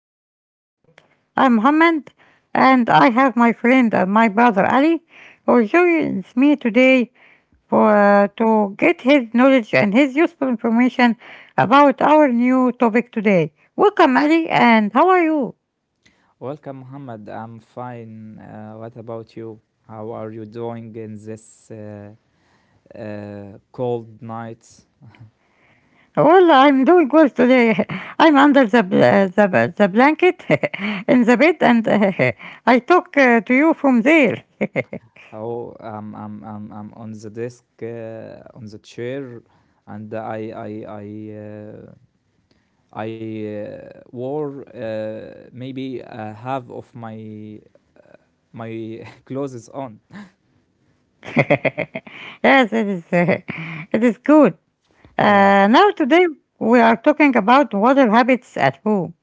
our new episode. I'm Mohammed, and I have my friend and my brother Ali, who joins me today for to get his knowledge and his useful information about our new topic today. Welcome, Ali, and how are you? Welcome, Muhammad. I'm fine. What about you? How are you doing in this cold night? Well, I'm doing well today. I'm under the the blanket in the bed, and I talk to you from there. Oh, I'm on the desk, on the chair, and I wore maybe half of my clothes on. Yes, it is. It is good. Now, today, we are talking about water habits at home.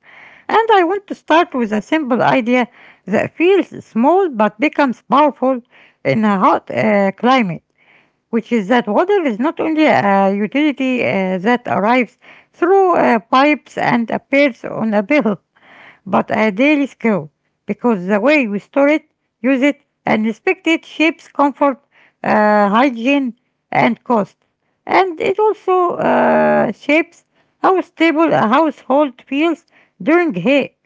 And I want to start with a simple idea that feels small but becomes powerful in a hot climate, which is that water is not only a utility that arrives through pipes and appears on a bill but a daily skill, because the way we store it, use it, and respect it shapes comfort, hygiene, and cost. And it also shapes how stable a household feels during hay.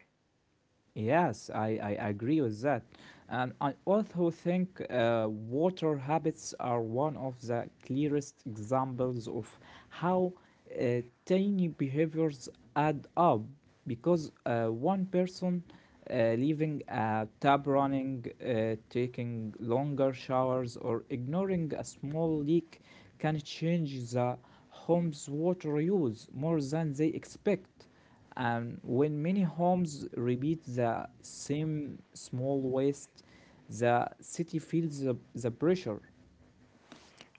Yes, I agree with that. And I also think water habits are one of the clearest examples of how uh, tiny behaviors add up because one person leaving a tap running, taking longer showers, or ignoring a small leak can change the home's water use more than they expect. And when many homes repeat the same small waste, the city feels the pressure.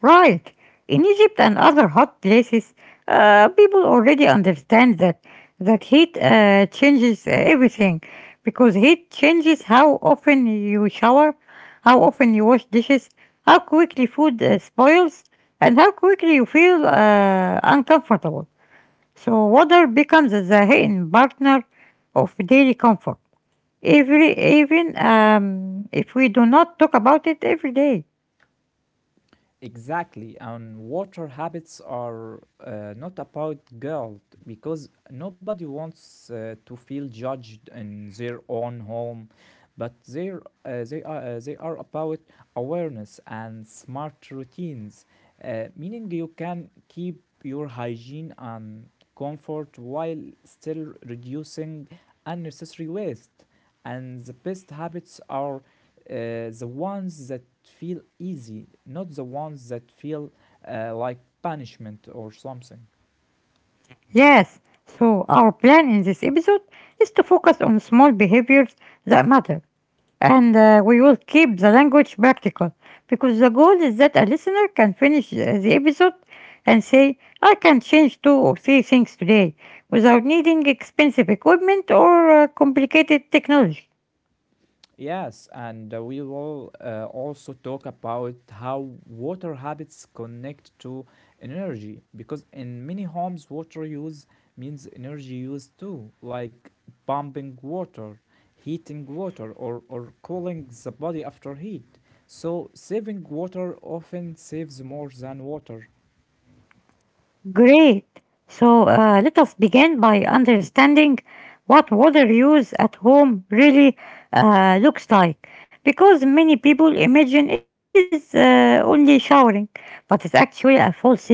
Right. In Egypt and other hot places, people already understand that heat changes everything, because heat changes how often you shower, how often you wash dishes, how quickly food spoils, and how quickly you feel uncomfortable. So water becomes the hidden partner of daily comfort. Every even if we do not talk about it every day. Exactly, and water habits are not about guilt because nobody wants to feel judged in their own home, but they are about awareness and smart routines, meaning you can keep your hygiene and comfort while still reducing unnecessary waste. And the best habits are the ones that feel easy, not the ones that feel like punishment or something. Yes, so our plan in this episode is to focus on small behaviors that matter, and we will keep the language practical, because the goal is that a listener can finish the episode and say, "I can change two or three things today without needing expensive equipment or complicated technology." Yes, and we will also talk about how water habits connect to energy because in many homes, water use means energy use too, like pumping water, heating water, or cooling the body after heat. So, saving water often saves more than water. Great. So let us begin by understanding what water use at home really looks like, because many people imagine it is only showering, but it's actually a full system.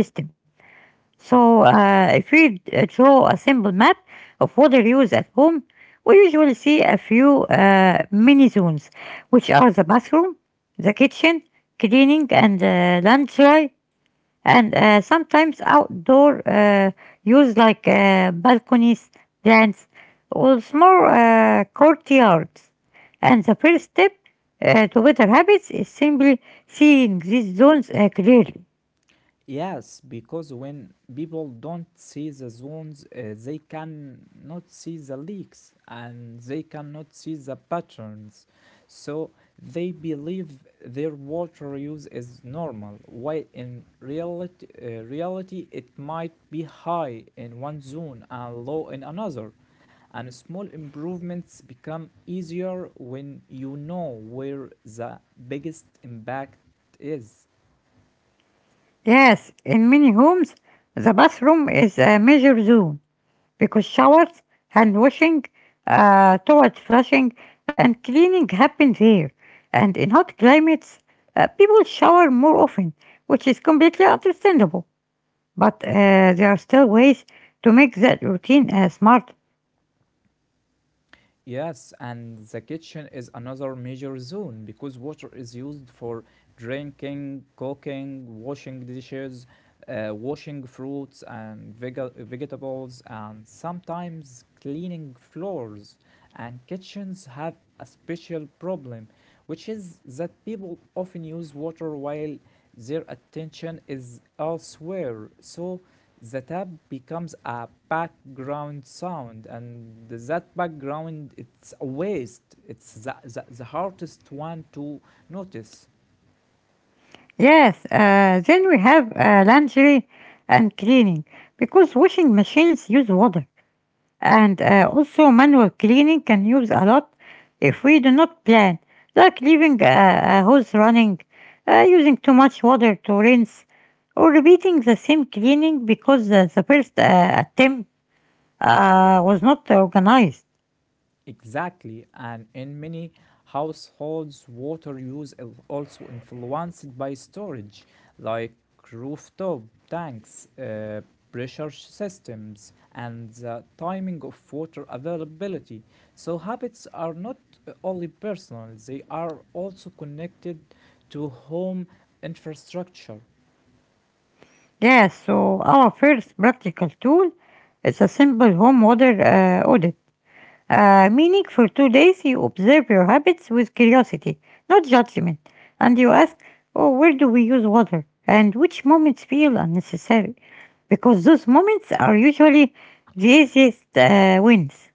So if we draw a simple map of water use at home, we usually see a few mini zones, which are the bathroom, the kitchen, cleaning, and laundry, and sometimes outdoor use like balconies, plants, or small courtyards. And the first step to better habits is simply seeing these zones clearly. Yes, because when people don't see the zones, they cannot see the leaks and they cannot see the patterns. So they believe their water use is normal, while in reality it might be high in one zone and low in another. And small improvements become easier when you know where the biggest impact is. Yes, in many homes, the bathroom is a major zone, because showers, hand washing, toilet flushing, and cleaning happen there. And in hot climates, people shower more often, which is completely understandable. But there are still ways to make that routine smart. Yes, and the kitchen is another major zone because water is used for drinking, cooking, washing dishes, washing fruits and vegetables, and sometimes cleaning floors. And kitchens have a special problem, which is that people often use water while their attention is elsewhere. So the tap becomes a background sound, and that background, it's a waste. It's the hardest one to notice. Yes, then we have laundry and cleaning, because washing machines use water, and also manual cleaning can use a lot if we do not plan, like leaving a hose running, using too much water to rinse, or repeating the same cleaning because the first attempt was not organized. Exactly, and in many households, water use is also influenced by storage, like rooftop tanks, pressure systems, and the timing of water availability. So, habits are not only personal, they are also connected to home infrastructure. Yeah, so our first practical tool is a simple home water audit. Meaning, for 2 days, you observe your habits with curiosity, not judgment, and you ask, "Oh, where do we use water? And which moments feel unnecessary?" Because those moments are usually the easiest wins.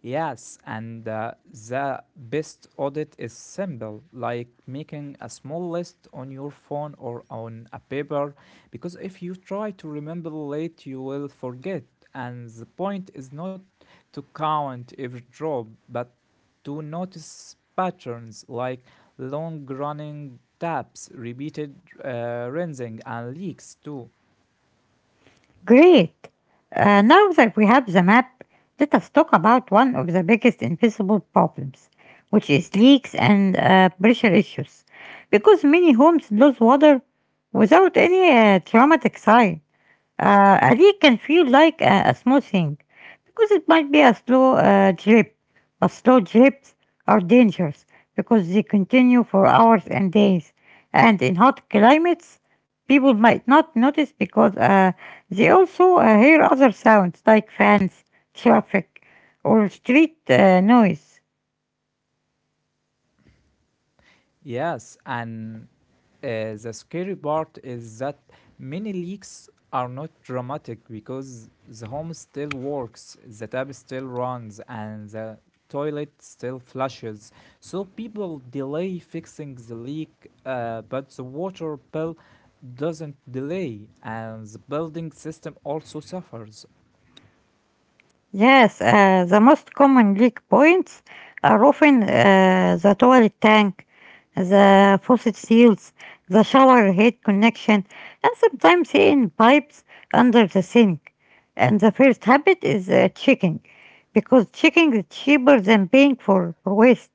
Yes, and the best audit is simple, like making a small list on your phone or on a paper, because if you try to remember late, you will forget. And the point is not to count every drop, but to notice patterns like long running taps, repeated rinsing, and leaks too. Great. Now that we have the map, let us talk about one of the biggest invisible problems, which is leaks and pressure issues, because many homes lose water without any traumatic sign. A leak can feel like a small thing because it might be a slow drip, but slow drips are dangerous because they continue for hours and days. And in hot climates, people might not notice because they also hear other sounds like fans, traffic, or street noise. Yes, and the scary part is that many leaks are not dramatic because the home still works, the tap still runs, and the toilet still flushes. So people delay fixing the leak, but the water bill doesn't delay, and the building system also suffers. Yes, the most common leak points are often the toilet tank, the faucet seals, the shower head connection, and sometimes hidden pipes under the sink. And the first habit is checking, because checking is cheaper than paying for waste.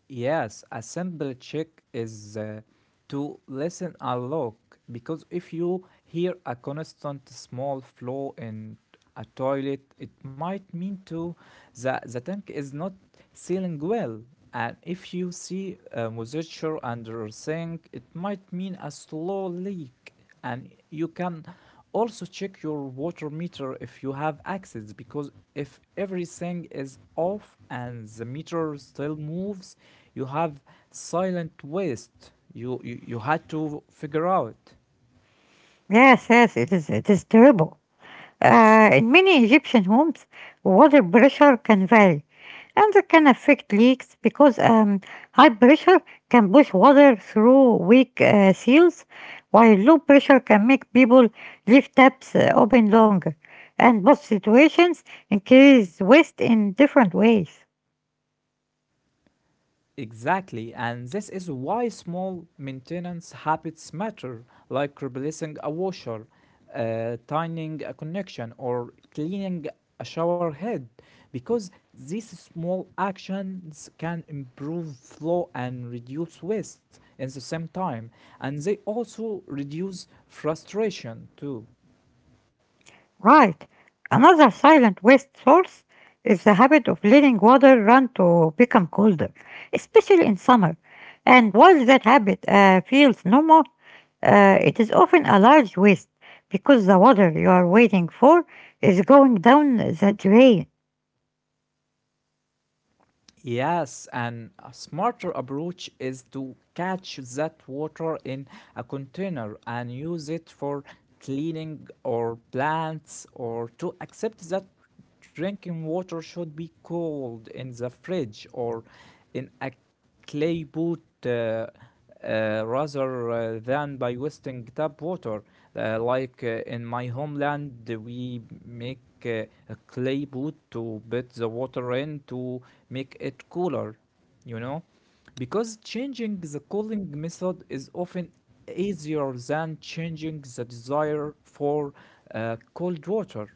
Yes, a simple check is to listen a lot because if you hear a constant small flow in a toilet, it might mean to the tank is not sealing well. And if you see moisture under a sink, it might mean a slow leak, and you can also check your water meter if you have access, because if everything is off and the meter still moves, you have silent waste you had to figure out. Yes, yes, it is. It is terrible. In many Egyptian homes, water pressure can vary, and that can affect leaks because high pressure can push water through weak seals, while low pressure can make people leave taps open longer. And both situations increase waste in different ways. Exactly, and this is why small maintenance habits matter, like replacing a washer, tightening a connection, or cleaning a shower head, because these small actions can improve flow and reduce waste at the same time, and they also reduce frustration too. Right. Another silent waste source is the habit of letting water run to become colder, especially in summer. And while that habit feels normal, it is often a large waste because the water you are waiting for is going down the drain. Yes, and a smarter approach is to catch that water in a container and use it for cleaning or plants, or to accept that drinking water should be cold in the fridge or in a clay pot. uh, Rather than by wasting tap water. Like in my homeland, we make a clay pot to put the water in to make it cooler, you know? Because changing the cooling method is often easier than changing the desire for cold water.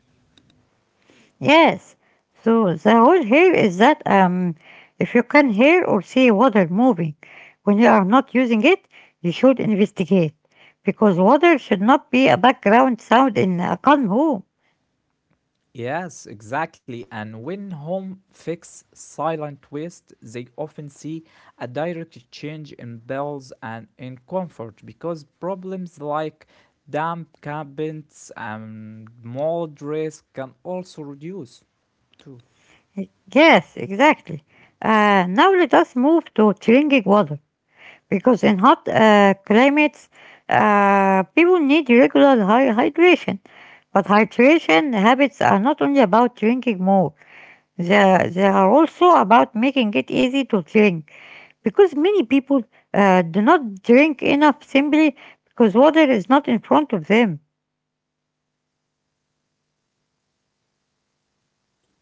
Yes. So the rule here is that if you can hear or see water moving when you are not using it, you should investigate, because water should not be a background sound in a calm home. Yes, exactly. And when home fix silent waste, they often see a direct change in bills and in comfort because problems like damp cabinets and mold risk can also reduce too. Yes, exactly. Now let us move to drinking water, because in hot climates, people need regular hydration. But hydration habits are not only about drinking more, there are also about making it easy to drink, because many people do not drink enough simply because water is not in front of them.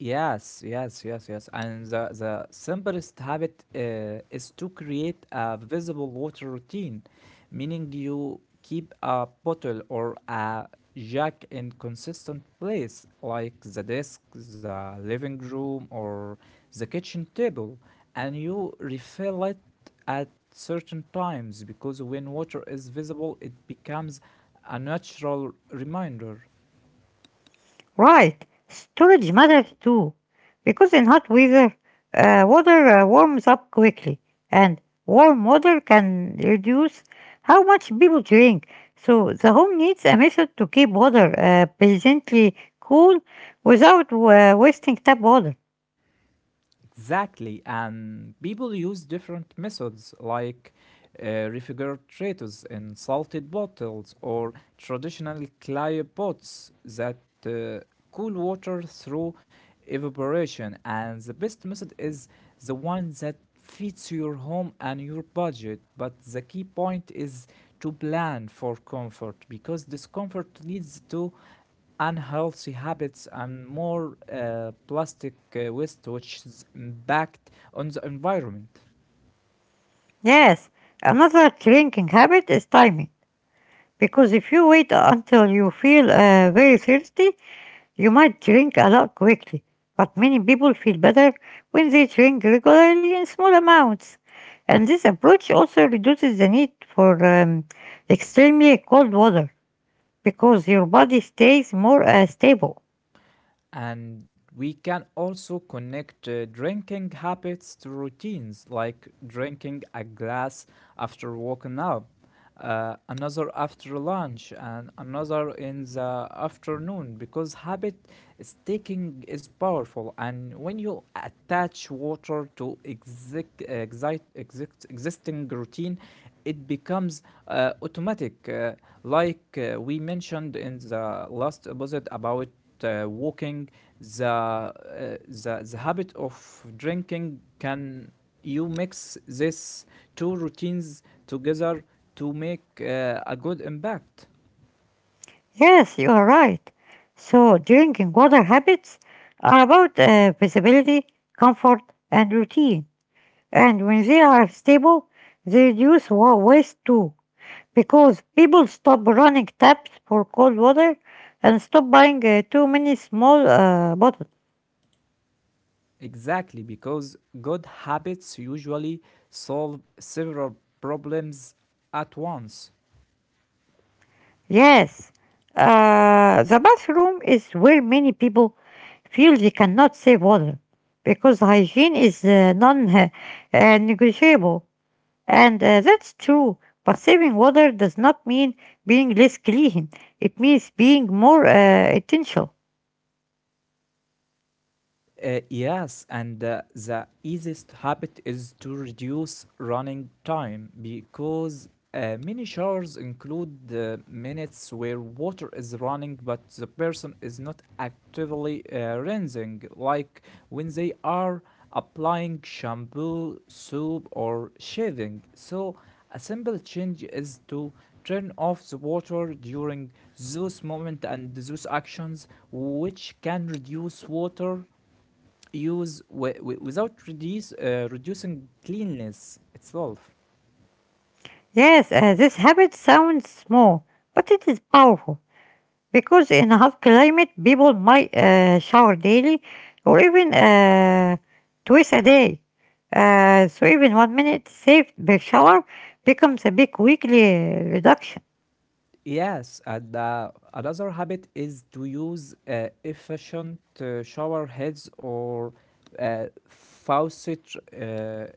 Yes, yes, yes, yes. And the simplest habit is to create a visible water routine, meaning you keep a bottle or a jug in consistent place, like the desk, the living room, or the kitchen table, and you refill it at certain times, because when water is visible, it becomes a natural reminder. Right, storage matters too, because in hot weather, water warms up quickly, and warm water can reduce how much people drink. So the home needs a method to keep water pleasantly cool without wasting tap water. Exactly, and people use different methods like refrigerators in salted bottles or traditional clay pots that uh, cool water through evaporation. And the best method is the one that fits your home and your budget. But the key point is to plan for comfort because discomfort leads to unhealthy habits and more plastic waste, which is impact on the environment. Yes, another drinking habit is timing, because if you wait until you feel very thirsty, you might drink a lot quickly. But many people feel better when they drink regularly in small amounts. And this approach also reduces the need for extremely cold water, because your body stays more stable. And we can also connect drinking habits to routines, like drinking a glass after waking up, another after lunch, and another in the afternoon, because habit sticking is powerful. And when you attach water to existing routine, it becomes automatic, like we mentioned in the last episode about walking, the habit of drinking can, you mix these two routines together to make a good impact. Yes, you are right. So, drinking water habits are about visibility, comfort, and routine. And when they are stable, they reduce waste too, because people stop running taps for cold water and stop buying too many small bottles. Exactly, because good habits usually solve several problems at once. Yes, the bathroom is where many people feel they cannot save water, because hygiene is non negotiable. And that's true, but saving water does not mean being less clean, it means being more intentional. Yes, and the easiest habit is to reduce running time because many showers include minutes where water is running but the person is not actively rinsing, like when they are applying shampoo, soap, or shaving. So, a simple change is to turn off the water during those moments and those actions, which can reduce water use without reducing cleanliness itself. Yes, this habit sounds small, but it is powerful, because in a hot climate, people might shower daily or even twice a day. So even 1 minute saved per shower becomes a big weekly reduction. Yes, and another habit is to use efficient shower heads or faucet uh,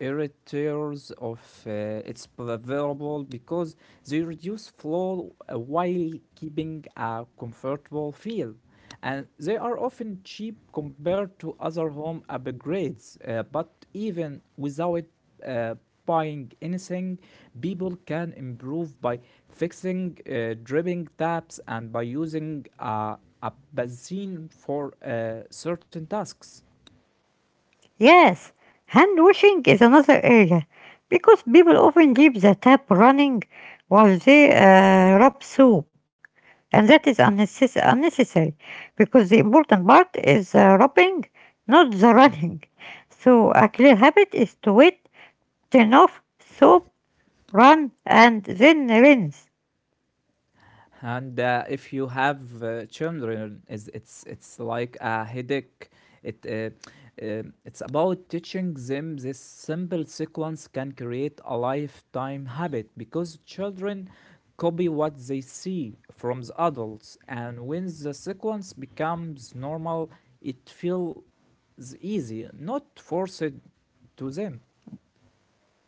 editors of it's available, because they reduce flow while keeping a comfortable feel, and they are often cheap compared to other home upgrades. But even without uh, buying anything, people can improve by fixing dripping taps and by using a basin for certain tasks. Yes, hand washing is another area, because people often leave the tap running while they rub soap. And that is unnecessary, because the important part is the rubbing, not the running. So a clear habit is to wait, turn off, soap, run, and then rinse. And if you have children, is it's like a headache. it uh, it's about teaching them this simple sequence can create a lifetime habit because children copy what they see from the adults, and when the sequence becomes normal, it feels easy, not forced to them.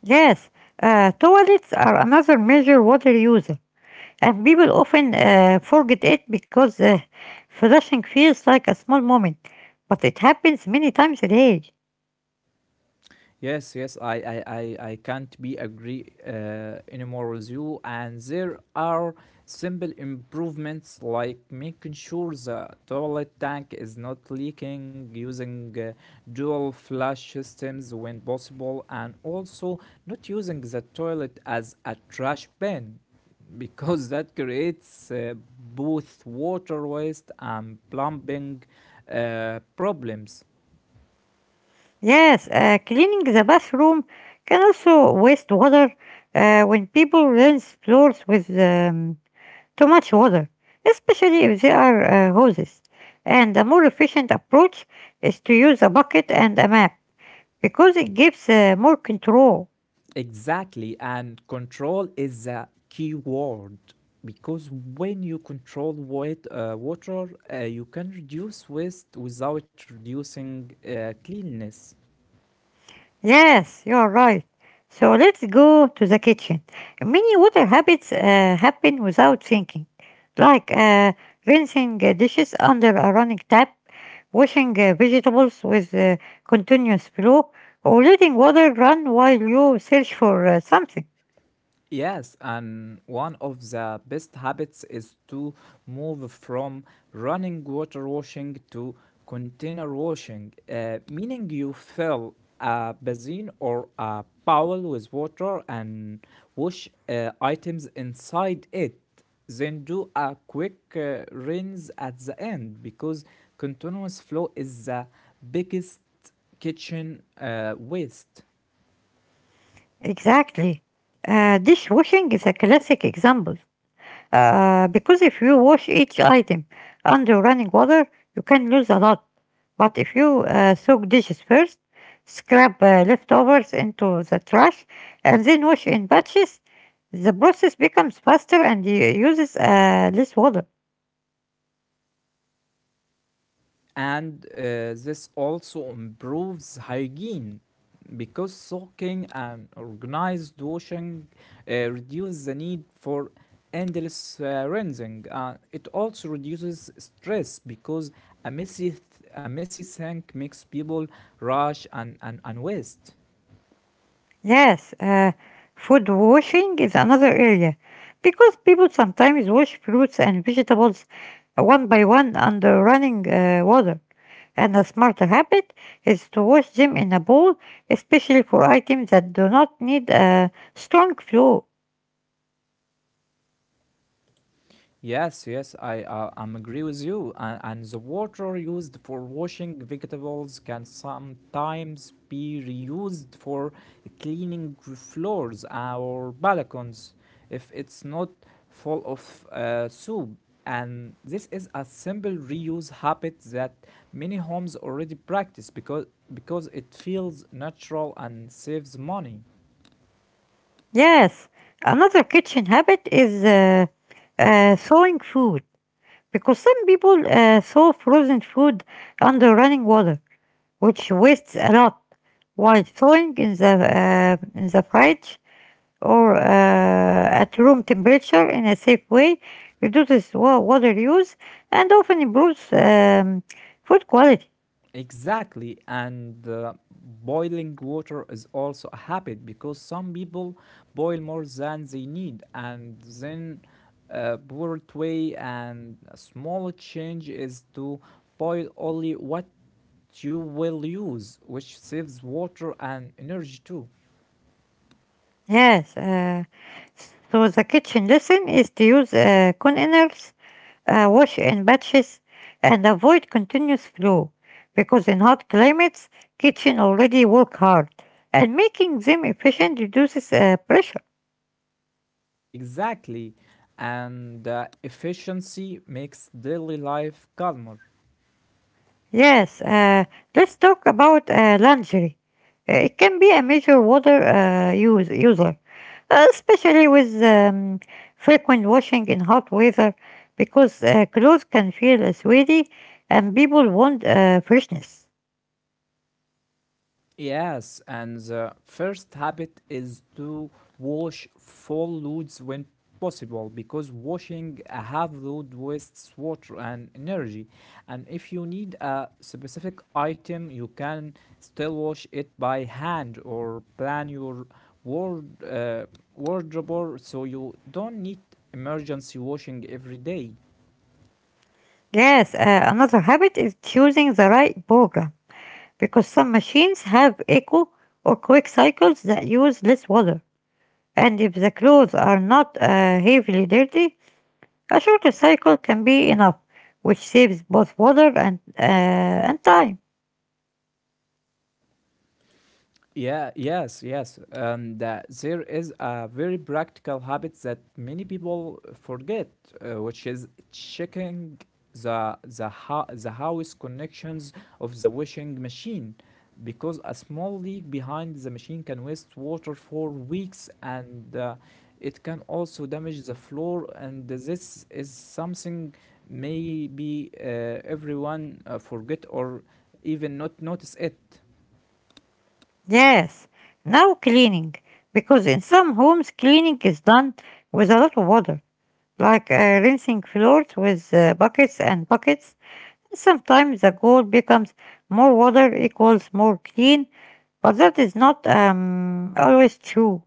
Yes, toilets are another major water user, and people often forget it because flushing feels like a small moment, but it happens many times a day. Yes, yes, I can't be agree anymore with you. And there are simple improvements like making sure the toilet tank is not leaking, using dual flush systems when possible, and also not using the toilet as a trash bin, because that creates both water waste and plumbing problems. Yes, cleaning the bathroom can also waste water when people rinse floors with too much water, especially if they are hoses. And a more efficient approach is to use a bucket and a map, because it gives more control. Exactly, and control is a key word because when you control water, you can reduce waste without reducing cleanliness. Yes, you are right. So let's go to the kitchen. Many water habits happen without thinking, like rinsing dishes under a running tap, washing vegetables with continuous flow, or letting water run while you search for something. Yes, and one of the best habits is to move from running water washing to container washing, meaning you fill a basin or a bowl with water and wash items inside it. Then do a quick rinse at the end because continuous flow is the biggest kitchen waste. Exactly. Dishwashing is a classic example. Because if you wash each item under running water, you can lose a lot. But if you soak dishes first, scrap leftovers into the trash, and then wash in batches, the process becomes faster and uses less water. And this also improves hygiene because soaking and organized washing reduce the need for endless rinsing. It also reduces stress because a messy, th- a messy sink makes people rush and waste. Yes, food washing is another area, because people sometimes wash fruits and vegetables one by one under running water. And a smart habit is to wash them in a bowl, especially for items that do not need a strong flow. Yes, yes, I I'm agree with you. And the water used for washing vegetables can sometimes be reused for cleaning floors or balconies if it's not full of soap. And this is a simple reuse habit that many homes already practice because it feels natural and saves money. Yes, another kitchen habit is thawing food, because some people thaw frozen food under running water, which wastes a lot, while thawing in in the fridge or at room temperature in a safe way reduces water use and often improves food quality. Exactly, and boiling water is also a habit because some people boil more than they need and then poor way, and a small change is to boil only what you will use, which saves water and energy too. Yes, so the kitchen lesson is to use containers, wash in batches, and avoid continuous flow, because in hot climates, kitchen already work hard, and making them efficient reduces pressure. Exactly, and efficiency makes daily life calmer. Yes, let's talk about lingerie. It can be a major water use, user, especially with frequent washing in hot weather, because clothes can feel sweaty and people want freshness. Yes, and the first habit is to wash full loads when possible because washing a half load wastes water and energy. And if you need a specific item, you can still wash it by hand or plan your ward, uh, wardrobe so you don't need emergency washing every day. Yes, another habit is choosing the right program, because some machines have eco or quick cycles that use less water. And if the clothes are not heavily dirty, a short cycle can be enough, which saves both water and time. Yeah, yes, yes. And there is a very practical habit that many people forget, which is checking the house connections of the washing machine, because a small leak behind the machine can waste water for weeks, and it can also damage the floor. And this is something maybe everyone forget or even not notice it. Yes, now cleaning, because in some homes cleaning is done with a lot of water, like rinsing floors with buckets and buckets. Sometimes the goal becomes more water equals more clean, but that is not always true.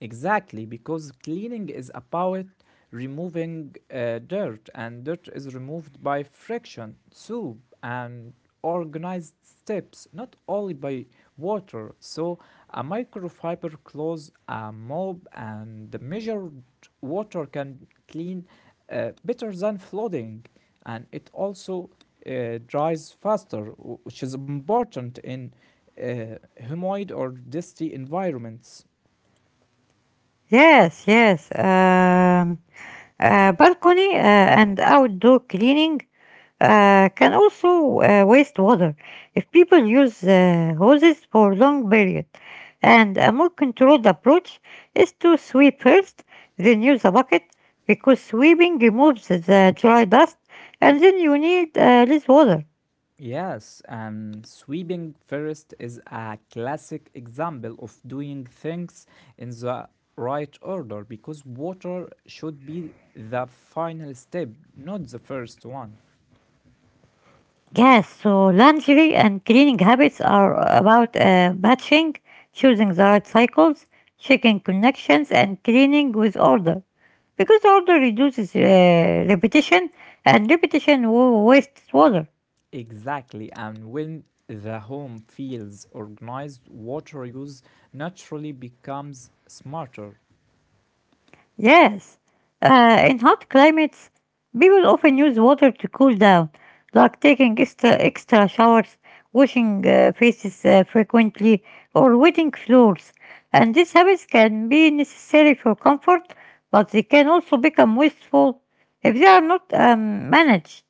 Exactly, because cleaning is about removing dirt, and dirt is removed by friction, soup, and organized steps, not only by water. So, a microfiber cloth, a mop, and the measured water can clean better than flooding, and it also dries faster, which is important in humid or dusty environments. Yes, yes. Balcony and outdoor cleaning can also waste water if people use hoses for long period. And a more controlled approach is to sweep first, then use a bucket, because sweeping removes the dry dust, and then you need less water. Yes, and sweeping first is a classic example of doing things in the right order because water should be the final step, not the first one. Yes, so laundry and cleaning habits are about batching, choosing the right cycles, checking connections, and cleaning with order. Because order reduces repetition, and repetition wastes water. Exactly, and when the home feels organized, water use naturally becomes smarter. Yes, in hot climates, people often use water to cool down, like taking extra, extra showers, washing faces frequently, or wetting floors. And these habits can be necessary for comfort, but they can also become wasteful if they are not managed.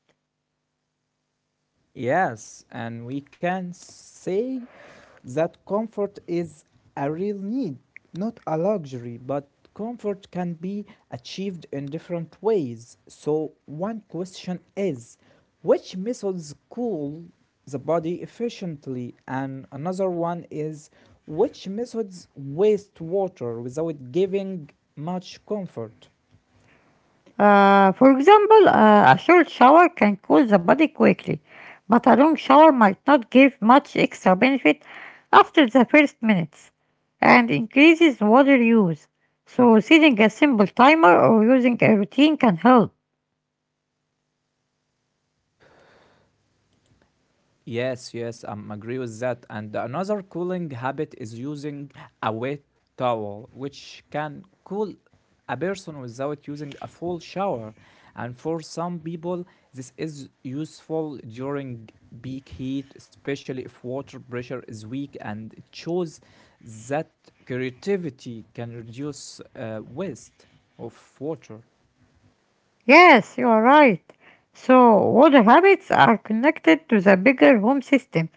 Yes, and we can say that comfort is a real need, not a luxury, but comfort can be achieved in different ways. So, one question is which methods cool the body efficiently? And another one is which methods waste water without giving much comfort? For example, a short shower can cool the body quickly, but a long shower might not give much extra benefit after the first minutes and increases water use. So, setting a simple timer or using a routine can help. Yes, yes, I agree with that. And another cooling habit is using a wet towel, which can cool a person without using a full shower. And for some people, this is useful during peak heat, especially if water pressure is weak, and it shows that creativity can reduce waste of water. Yes, you are right. So, water habits are connected to the bigger home system,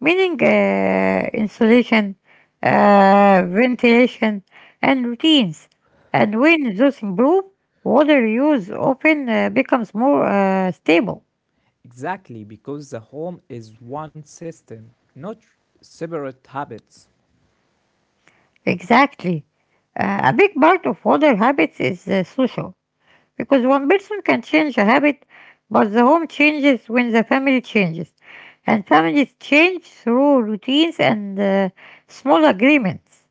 meaning insulation, ventilation, and routines. And when those improve, water use often becomes more stable. Exactly, because the home is one system, not separate habits. Exactly. A big part of water habits is social. Because one person can change a habit, but the home changes when the family changes. And families change through routines and small agreements.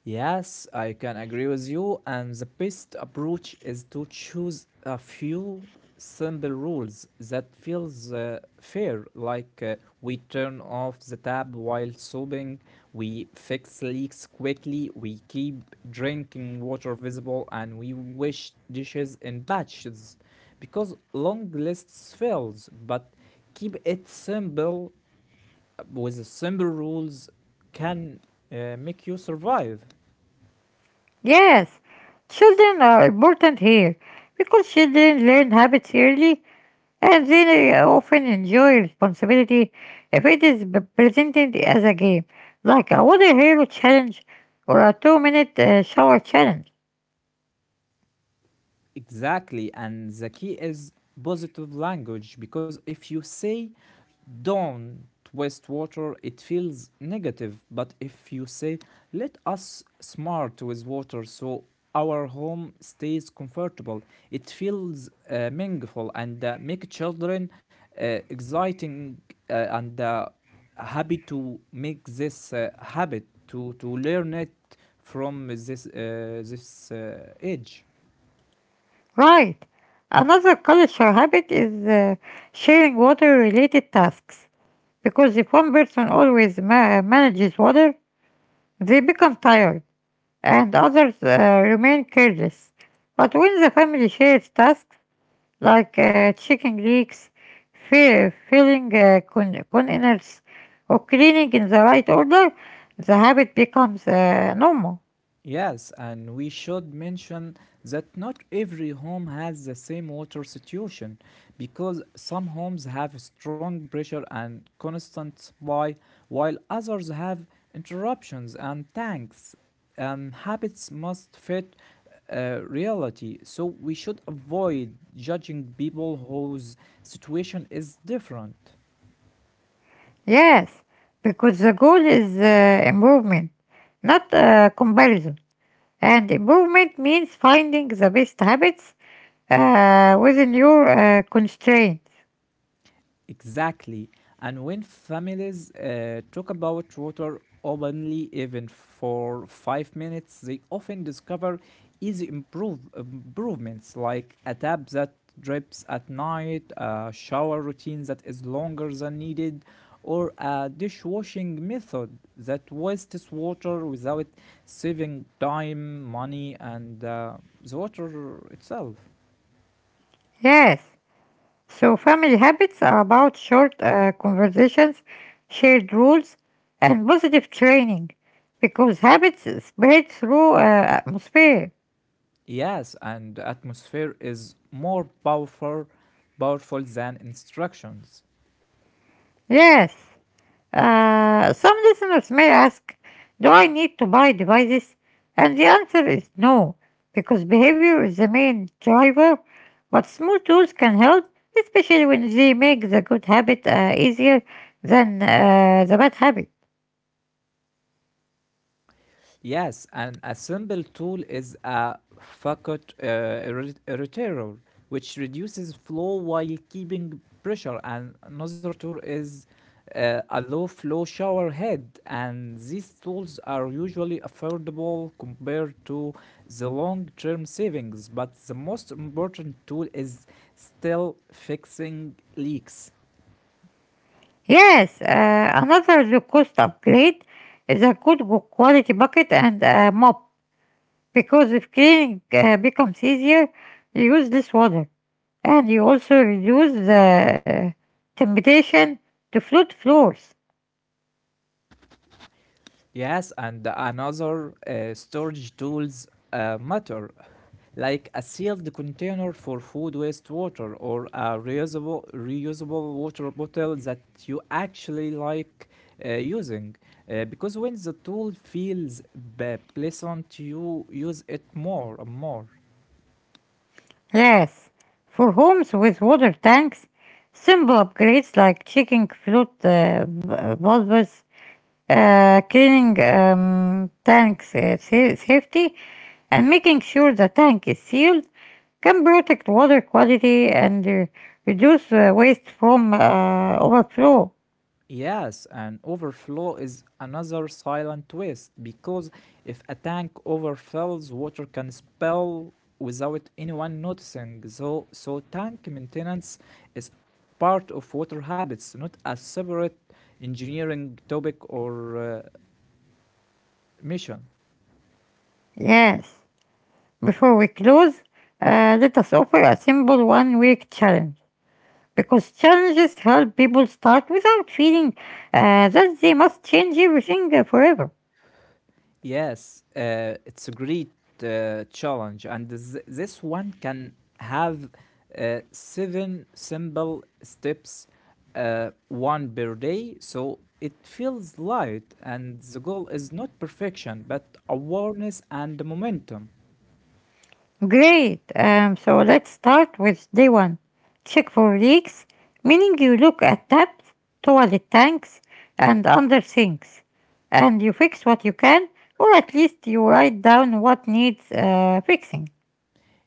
Yes, I can agree with you. And the best approach is to choose a few simple rules that feels fair, like we turn off the tap while sobbing, we fix leaks quickly, we keep drinking water visible, and we wash dishes in batches. Because long lists fails, but keep it simple with the simple rules can make you survive. Yes, children are important here because children learn habits early and they often enjoy responsibility if it is presented as a game, like a water hero challenge or a 2 minute shower challenge. Exactly. And the key is positive language because if you say don't waste water, it feels negative. But if you say let us smart with water so our home stays comfortable, it feels meaningful and make children exciting and happy to make this habit to learn it from this age. Right. Another culture habit is sharing water related tasks because if one person always manages water, they become tired and others remain careless. But when the family shares tasks like checking leaks, filling containers, or cleaning in the right order, the habit becomes normal. Yes, and we should mention that not every home has the same water situation because some homes have strong pressure and constant supply, while others have interruptions and tanks. And habits must fit reality, so we should avoid judging people whose situation is different. Yes, because the goal is improvement, not comparison. And improvement means finding the best habits within your constraints. Exactly. And when families talk about water openly, even for 5 minutes, they often discover improvements like a tap that drips at night, a shower routine that is longer than needed, or a dishwashing method that wastes water without saving time, money, and the water itself. Yes, so family habits are about short conversations, shared rules, and positive training because habits spread through atmosphere. Yes, and atmosphere is more powerful than instructions. Yes. Some listeners may ask, do I need to buy devices? And the answer is no, because behavior is the main driver, but small tools can help, especially when they make the good habit easier than the bad habit. Yes, and a simple tool is a Fagott irritator, which reduces flow while keeping pressure. And another tool is a low flow shower head. And these tools are usually affordable compared to the long term savings. But the most important tool is still fixing leaks. Yes, another low cost upgrade is a good quality bucket and a mop, because if cleaning becomes easier, you use less water, and you also reduce the temptation to flood floors. Yes, and another storage tools matter, like a sealed container for food waste water or a reusable water bottle that you actually like using. Because when the tool feels pleasant, you use it more and more. Yes, for homes with water tanks, simple upgrades like checking flood bulbs, cleaning tanks sa- safety, and making sure the tank is sealed can protect water quality and reduce waste from overflow. Yes, and overflow is another silent waste because if a tank overfills, water can spill without anyone noticing. So, tank maintenance is part of water habits, not a separate engineering topic or mission. Yes. Before we close, let us offer a simple 1 week challenge because challenges help people start without feeling that they must change everything forever. Yes, it's a great challenge, and this one can have 7 simple steps, 1 per day, so it feels light, and the goal is not perfection, but awareness and momentum. Great. So let's start with day one. Check for leaks, meaning you look at taps, toilet tanks, and under sinks, and you fix what you can, or at least you write down what needs fixing.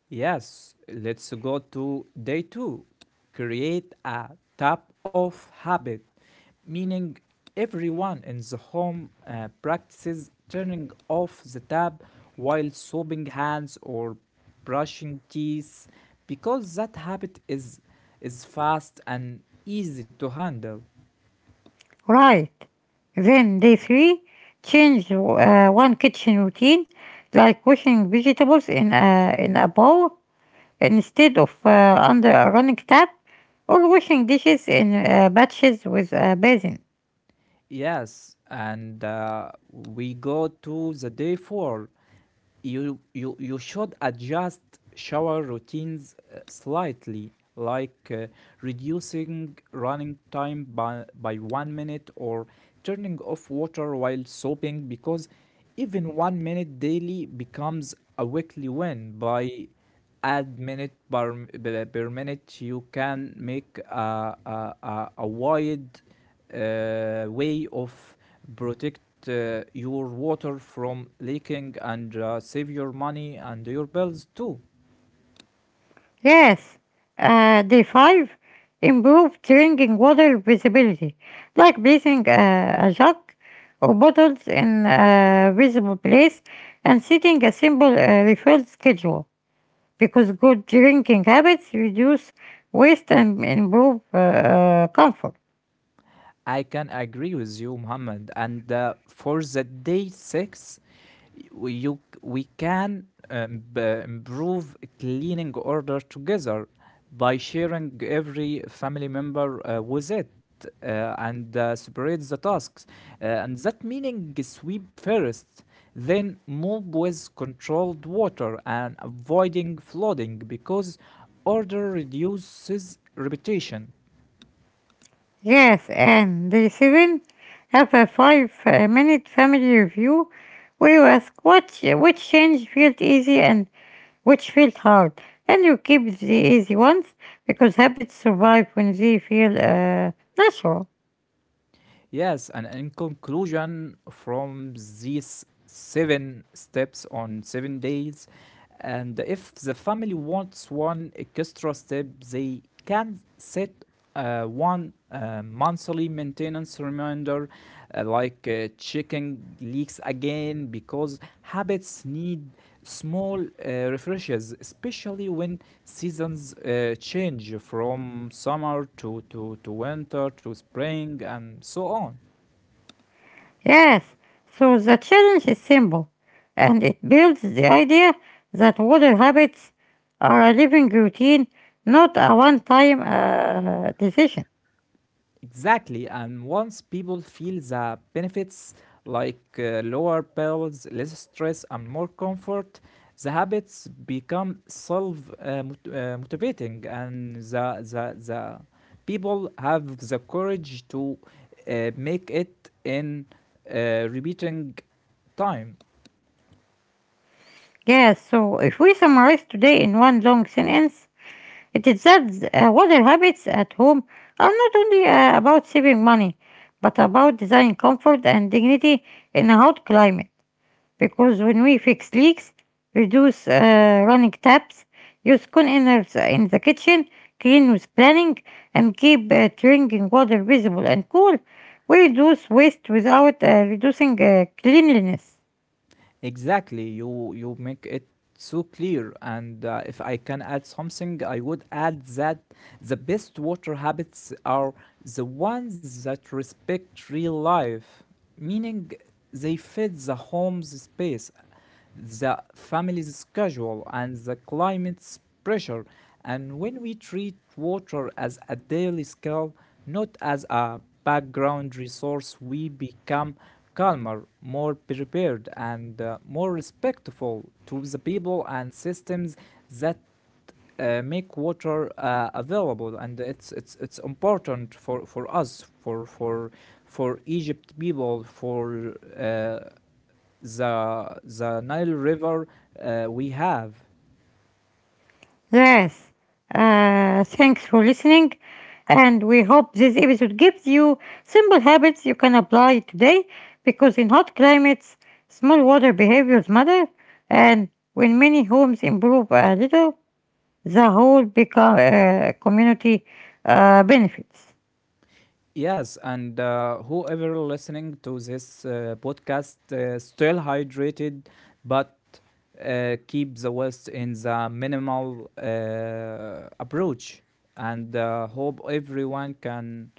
Yes, let's go to day 2. Create a tap of habit, meaning everyone in the home practices turning off the tap while soaping hands or brushing teeth because that habit is fast and easy to handle. Right. Then day three, change one kitchen routine, like washing vegetables in a bowl instead of under a running tap, or washing dishes in batches with a basin. Yes, and we go to the day 4. You should adjust shower routines slightly, like reducing running time by 1 minute or turning off water while soaping because even 1 minute daily becomes a weekly win by add minute per, m- b- per minute you can make a wide way of protect your water from leaking and save your money and your bills too. Yes. Day five, improve drinking water visibility, like placing a jug or bottles in a visible place and setting a simple refill schedule, because good drinking habits reduce waste and improve comfort. I can agree with you, Muhammad. And for the day 6 we can improve cleaning order together by sharing every family member with it and separate the tasks. And that meaning sweep first then move with controlled water and avoiding flooding because order reduces repetition. Yes, and the seven have a five-minute family review where you ask what which change felt easy and which felt hard, and you keep the easy ones because habits survive when they feel natural. Yes, and in conclusion from these 7 steps on 7 days. And if the family wants one extra step, they can set one monthly maintenance reminder, like checking leaks again, because habits need small refreshes, especially when seasons change from summer to winter to spring and so on. Yes, so the challenge is simple, and it builds the idea that water habits are a living routine, not a one-time decision. Exactly, and once people feel the benefits like lower bills, less stress, and more comfort, the habits become self motivating, and the people have the courage to make it in repeating time. Yes, so if we summarize today in one long sentence, it is that water habits at home are not only about saving money, but about designing comfort and dignity in a hot climate, because when we fix leaks, reduce running taps, use containers in the kitchen, clean with planning, and keep drinking water visible and cool, we reduce waste without reducing cleanliness. Exactly, you make it so clear. And if I can add something, I would add that the best water habits are the ones that respect real life, meaning they fit the home's space, the family's schedule, and the climate's pressure. And when we treat water as a daily skill, not as a background resource, we become calmer, more prepared, and more respectful to the people and systems that make water available. And it's important for us for Egypt people for the Nile River we have. Yes, thanks for listening, and we hope this episode gives you simple habits you can apply today because in hot climates, small water behaviors matter, and when many homes improve a little, the whole community benefits. Yes, and whoever listening to this podcast, still hydrated, but keep the waste in the minimal approach, and hope everyone can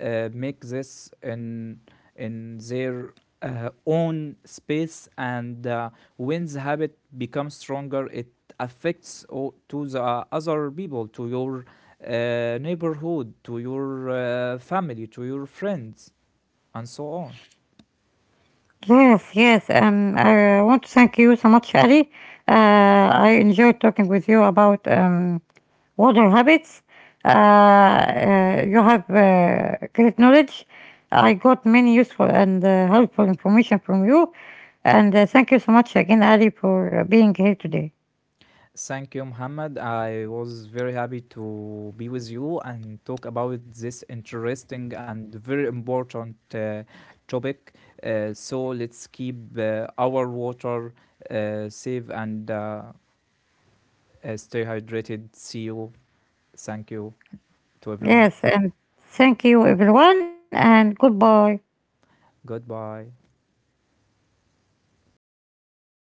make this in their own space. And when the habit becomes stronger, it affects to the other people to your neighborhood to your family to your friends and so on. Yes, yes. I want to thank you so much, Ali. Uh, I enjoyed talking with you about water habits. You have great knowledge. I got many useful and helpful information from you. And thank you so much again, Ali, for being here today. Thank you, Muhammad. I was very happy to be with you and talk about this interesting and very important topic. So let's keep our water safe and stay hydrated. See you. Thank you to everyone. Yes, and thank you, everyone, and goodbye. Goodbye.